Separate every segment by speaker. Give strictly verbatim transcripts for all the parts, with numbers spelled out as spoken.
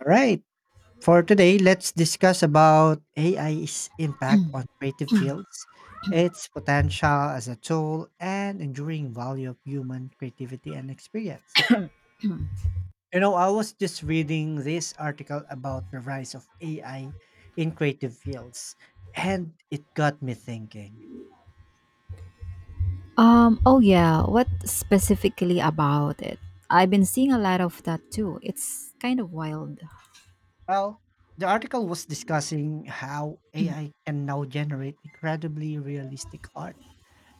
Speaker 1: All right. For today, let's discuss about A I's impact on creative fields, its potential as a tool, and enduring value of human creativity and experience. You know, I was just reading this article about the rise of A I in creative fields, and it got me thinking.
Speaker 2: Um, oh yeah, what specifically about it? I've been seeing a lot of that too. It's kind of wild.
Speaker 1: Well, the article was discussing how A I can now generate incredibly realistic art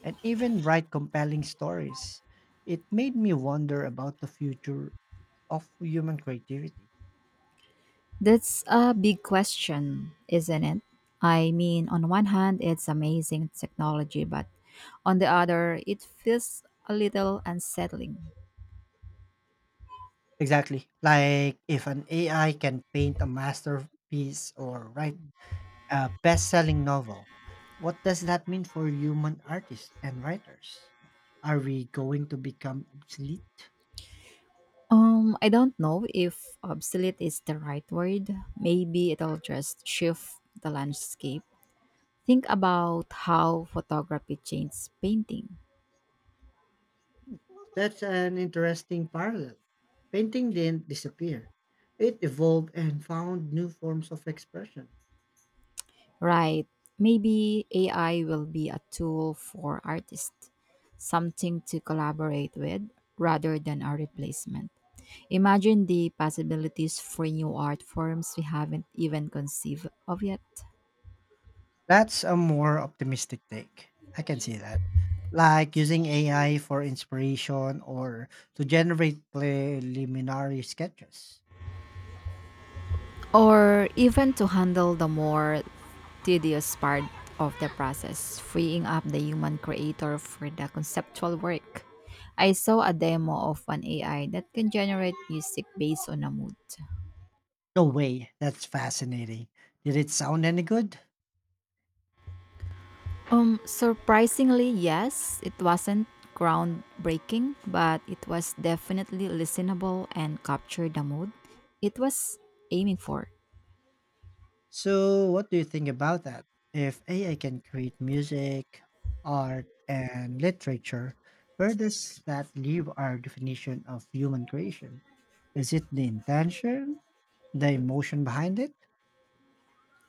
Speaker 1: and even write compelling stories. It made me wonder about the future of human creativity.
Speaker 2: That's a big question, isn't it? I mean, on one hand, it's amazing technology, but on the other, it feels a little unsettling.
Speaker 1: Exactly. Like if an A I can paint a masterpiece or write a best selling novel, what does that mean for human artists and writers? Are we going to become obsolete?
Speaker 2: Um, I don't know if obsolete is the right word. Maybe it'll just shift the landscape. Think about how photography changed painting.
Speaker 1: That's an interesting parallel. Painting didn't disappear, it evolved and found new forms of expression.
Speaker 2: Right. Maybe A I will be a tool for artists, something to collaborate with rather than a replacement. Imagine the possibilities for new art forms we haven't even conceived of yet.
Speaker 1: That's a more optimistic take. I can see that. Like using A I for inspiration or to generate preliminary sketches.
Speaker 2: Or even to handle the more tedious part of the process, freeing up the human creator for the conceptual work. I saw a demo of an A I that can generate music based on a mood.
Speaker 1: No way, that's fascinating. Did it sound any good?
Speaker 2: Um, surprisingly, yes, it wasn't groundbreaking, but it was definitely listenable and captured the mood it was aiming for.
Speaker 1: So, what do you think about that? If A I can create music, art, and literature, where does that leave our definition of human creation? Is it the intention, the emotion behind it?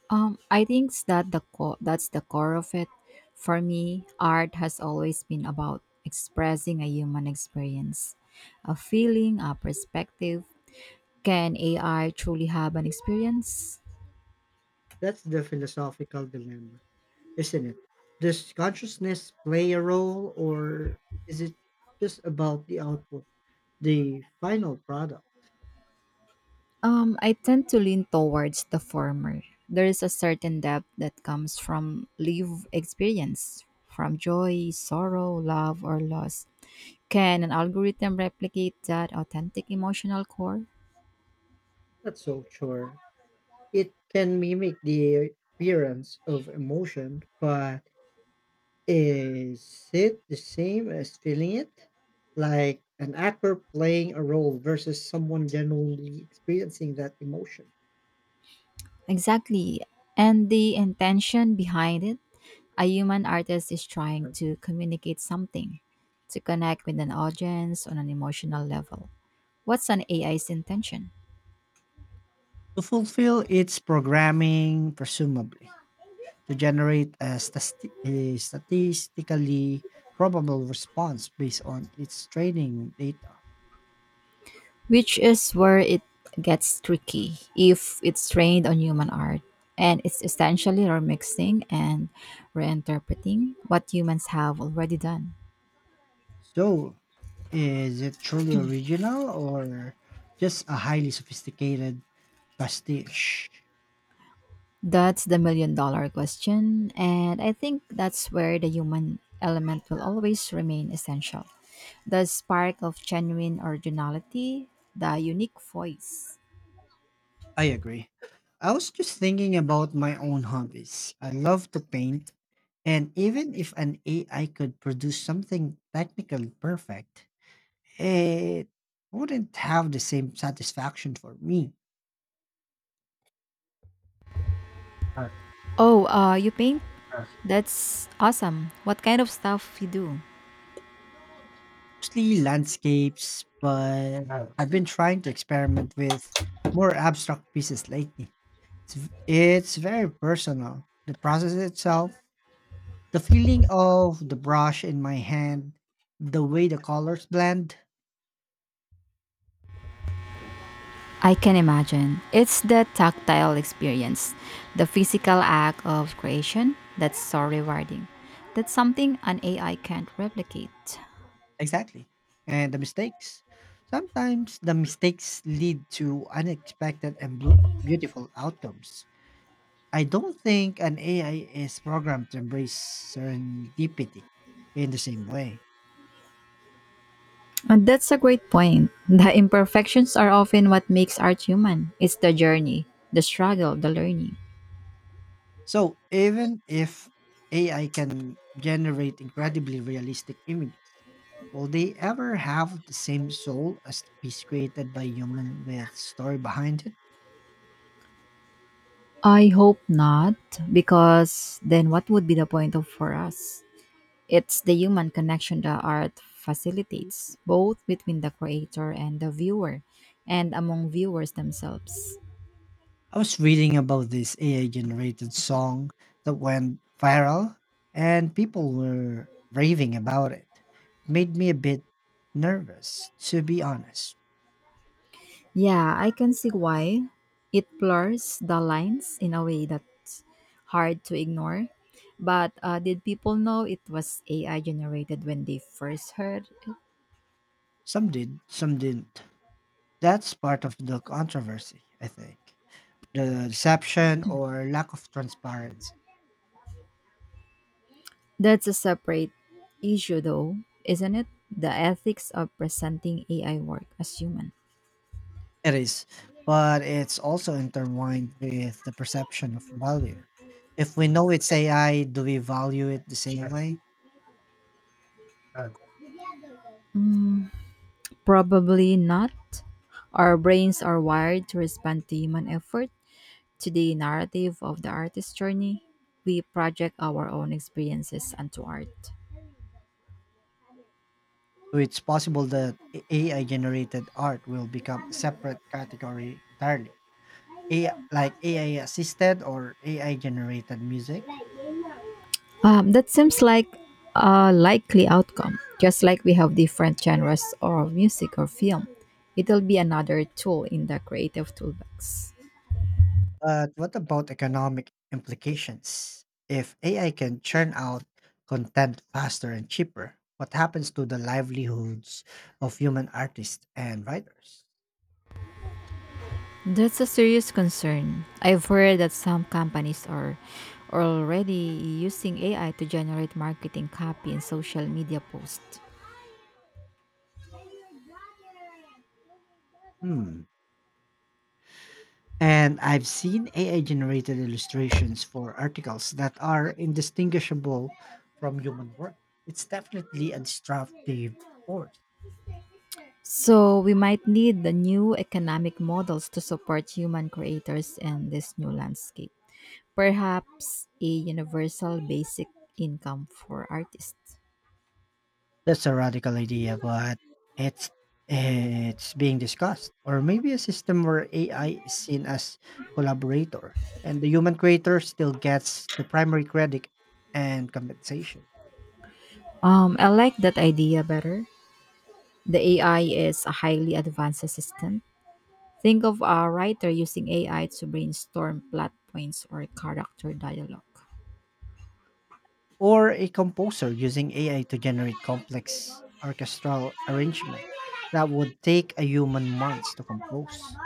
Speaker 2: Um, I think s- that the co- That's the core of it. For me, art has always been about expressing a human experience, a feeling, a perspective. Can A I truly have an experience?
Speaker 1: That's the philosophical dilemma. Isn't it? Does consciousness play a role or is it just about the output, the final product?
Speaker 2: Um, I tend to lean towards the former. There is a certain depth that comes from live experience, from joy, sorrow, love, or loss. Can an algorithm replicate that authentic emotional core?
Speaker 1: Not so sure. It can mimic the appearance of emotion, but is it the same as feeling it? Like an actor playing a role versus someone genuinely experiencing that emotion.
Speaker 2: Exactly. And the intention behind it, a human artist is trying
Speaker 1: Right?
Speaker 2: to communicate something, to connect with an audience on an emotional level. What's an A I's intention?
Speaker 1: To fulfill its programming, presumably. To generate a, stasti- a statistically probable response based on its training data.
Speaker 2: Which is where it gets tricky if it's trained on human art and it's essentially remixing and reinterpreting what humans have already done.
Speaker 1: So, is it truly original or just a highly sophisticated pastiche?
Speaker 2: That's the million dollar question, and I think that's where the human element will always remain essential. The spark of genuine originality, the unique voice.
Speaker 1: I agree. I was just thinking about my own hobbies. I love to paint, and even if an A I could produce something technically perfect, it wouldn't have the same satisfaction for me. Uh,
Speaker 2: Oh, uh, you paint?
Speaker 1: uh.
Speaker 2: That's awesome. What kind of stuff you do?
Speaker 1: Mostly landscapes, but Uh. I've been trying to experiment with more abstract pieces lately. It's, v- it's very personal. The process itself, the feeling of the brush in my hand, the way the colors blend.
Speaker 2: I can imagine. It's the tactile experience, the physical act of creation that's so rewarding. That's something an A I can't replicate.
Speaker 1: Exactly. And the mistakes. Sometimes the mistakes lead to unexpected and blu- beautiful outcomes. I don't think an A I is programmed to embrace serendipity in the same way.
Speaker 2: And that's a great point. The imperfections are often what makes art human. It's the journey, the struggle, the learning.
Speaker 1: So, even if A I can generate incredibly realistic images, will they ever have the same soul as the piece created by human with story behind it?
Speaker 2: I hope not, because then what would be the point of for us? It's the human connection that art facilitates, both between the creator and the viewer, and among viewers themselves.
Speaker 1: I was reading about this A I generated song that went viral and people were raving about it. It made me a bit nervous, to be honest.
Speaker 2: Yeah, I can see why. It blurs the lines in a way that's hard to ignore. But uh, did people know it was A I generated when they first heard?
Speaker 1: Some did, some didn't. That's part of the controversy, I think. The deception or lack of transparency.
Speaker 2: That's a separate issue, though, isn't it? The ethics of presenting A I work as human.
Speaker 1: It is, but it's also intertwined with the perception of value. If we know it's A I, do we value it the same way?
Speaker 2: Probably not. Our brains are wired to respond to human effort, to the narrative of the artist's journey. We project our own experiences onto art.
Speaker 1: So it's possible that A I generated art will become a separate category entirely. A I, like A I assisted or A I generated music.
Speaker 2: Um, that seems like a likely outcome. Just like we have different genres of music or film, it'll be another tool in the creative toolbox.
Speaker 1: But what about economic implications? If A I can churn out content faster and cheaper, what happens to the livelihoods of human artists and writers?
Speaker 2: That's a serious concern. I've heard that some companies are already using A I to generate marketing copy and social media posts.
Speaker 1: Hmm. And I've seen A I generated illustrations for articles that are indistinguishable from human work. It's definitely a destructive force.
Speaker 2: So we might need the new economic models to support human creators in this new landscape. Perhaps a universal basic income for artists.
Speaker 1: That's a radical idea, but it's it's being discussed. Or maybe a system where A I is seen as collaborator and the human creator still gets the primary credit and compensation.
Speaker 2: Um, I like that idea better. The A I is a highly advanced assistant. Think of a writer using A I to brainstorm plot points or character dialogue.
Speaker 1: Or a composer using A I to generate complex orchestral arrangement that would take a human months to compose.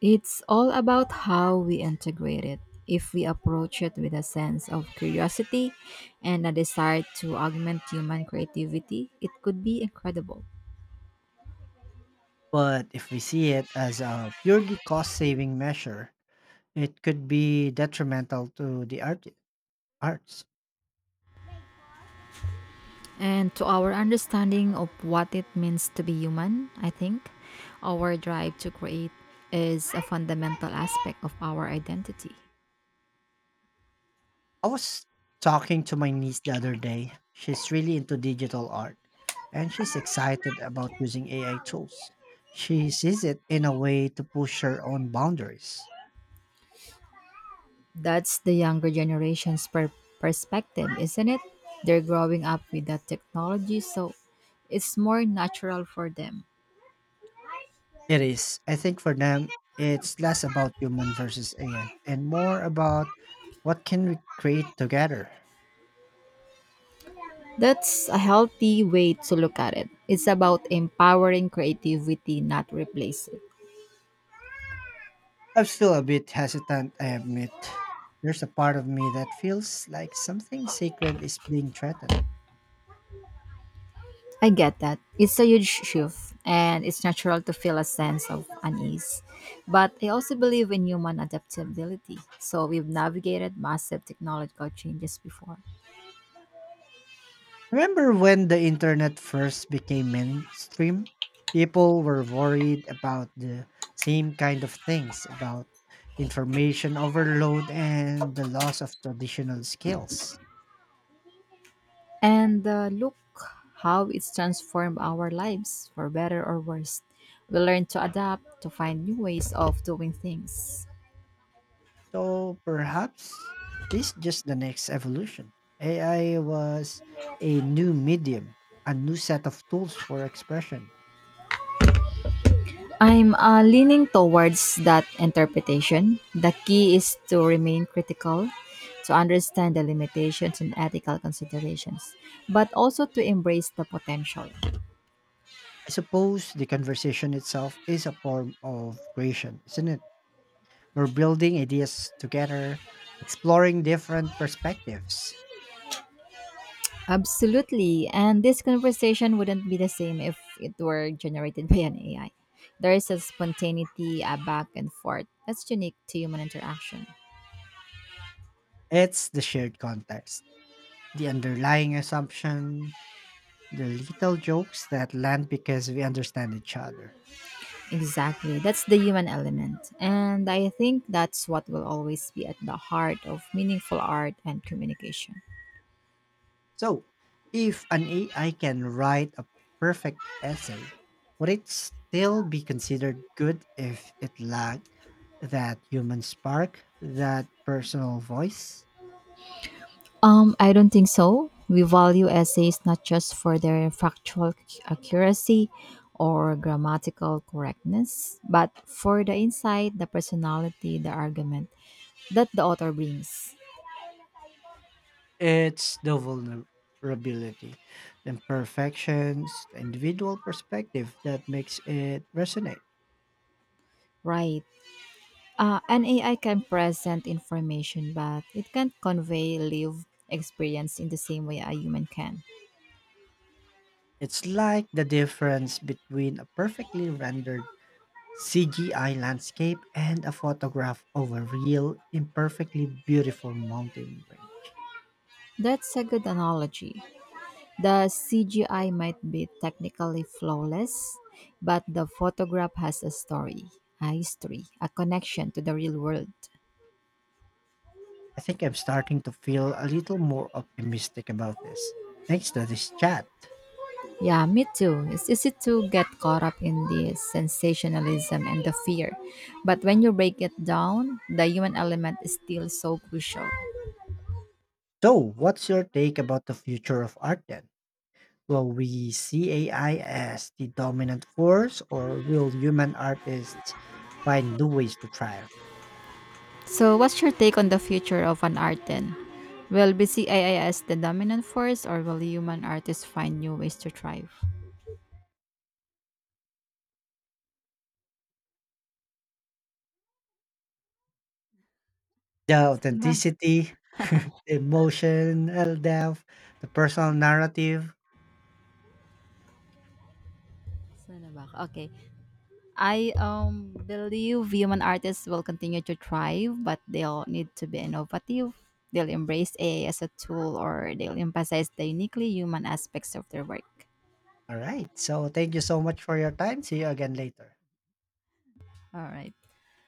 Speaker 2: It's all about how we integrate it. If we approach it with a sense of curiosity and a desire to augment human creativity, it could be incredible.
Speaker 1: But if we see it as a purely cost saving measure, it could be detrimental to the art- arts.
Speaker 2: And to our understanding of what it means to be human, I think our drive to create is a fundamental aspect of our identity.
Speaker 1: I was talking to my niece the other day. She's really into digital art and she's excited about using A I tools. She sees it in a way to push her own boundaries.
Speaker 2: That's the younger generation's per- perspective, isn't it? They're growing up with that technology, so it's more natural for them.
Speaker 1: It is. I think for them, it's less about human versus A I and more about what can we create together.
Speaker 2: That's a healthy way to look at it. It's about empowering creativity, not replacing.
Speaker 1: I'm still a bit hesitant, I admit. There's a part of me that feels like something sacred is being threatened.
Speaker 2: I get that. It's a huge shift, and it's natural to feel a sense of unease. But I also believe in human adaptability. So we've navigated massive technological changes before.
Speaker 1: Remember when the internet first became mainstream? People were worried about the same kind of things about information overload and the loss of traditional skills.
Speaker 2: And uh, look how it's transformed our lives, for better or worse. We learn to adapt, to find new ways of doing things.
Speaker 1: So perhaps this is just the next evolution. A I was a new medium, a new set of tools for expression.
Speaker 2: I'm, uh, leaning towards that interpretation. The key is to remain critical, to understand the limitations and ethical considerations, but also to embrace the potential.
Speaker 1: I suppose the conversation itself is a form of creation, isn't it? We're building ideas together, exploring different perspectives.
Speaker 2: Absolutely. And this conversation wouldn't be the same if it were generated by an A I. There is a spontaneity, a back and forth that's unique to human interaction.
Speaker 1: It's the shared context, the underlying assumption, the little jokes that land because we understand each other.
Speaker 2: Exactly. That's the human element. And I think that's what will always be at the heart of meaningful art and communication.
Speaker 1: So, if an A I can write a perfect essay, would it still be considered good if it lacked that human spark, that personal voice?
Speaker 2: Um, I don't think so. We value essays not just for their factual ac- accuracy or grammatical correctness, but for the insight, the personality, the argument that the author brings.
Speaker 1: It's the vulnerability, the imperfections, the individual perspective that makes it resonate.
Speaker 2: Right. Uh, an A I can present information, but it can't convey lived experience in the same way a human can.
Speaker 1: It's like the difference between a perfectly rendered C G I landscape and a photograph of a real, imperfectly beautiful mountain range.
Speaker 2: That's a good analogy. The C G I might be technically flawless, but the photograph has a story, a history, a connection to the real world.
Speaker 1: I think I'm starting to feel a little more optimistic about this, thanks to this chat.
Speaker 2: Yeah, me too. It's easy to get caught up in the sensationalism and the fear. But when you break it down, the human element is still so crucial.
Speaker 1: So, what's your take about the future of art then? Will we see A I as the dominant force, or will human artists find new ways to thrive?
Speaker 2: So, what's your take on the future of an art then? Will B C I I as the dominant force or will human artists find new ways to thrive?
Speaker 1: The
Speaker 2: Saan ba?
Speaker 1: authenticity, the emotional depth, the personal narrative.
Speaker 2: Saan na ba? Ako? Okay. I um believe human artists will continue to thrive, but they'll need to be innovative. They'll embrace A I as a tool, or they'll emphasize the uniquely human aspects of their work.
Speaker 1: Alright. So, thank you so much for your time. See you again later.
Speaker 2: All right.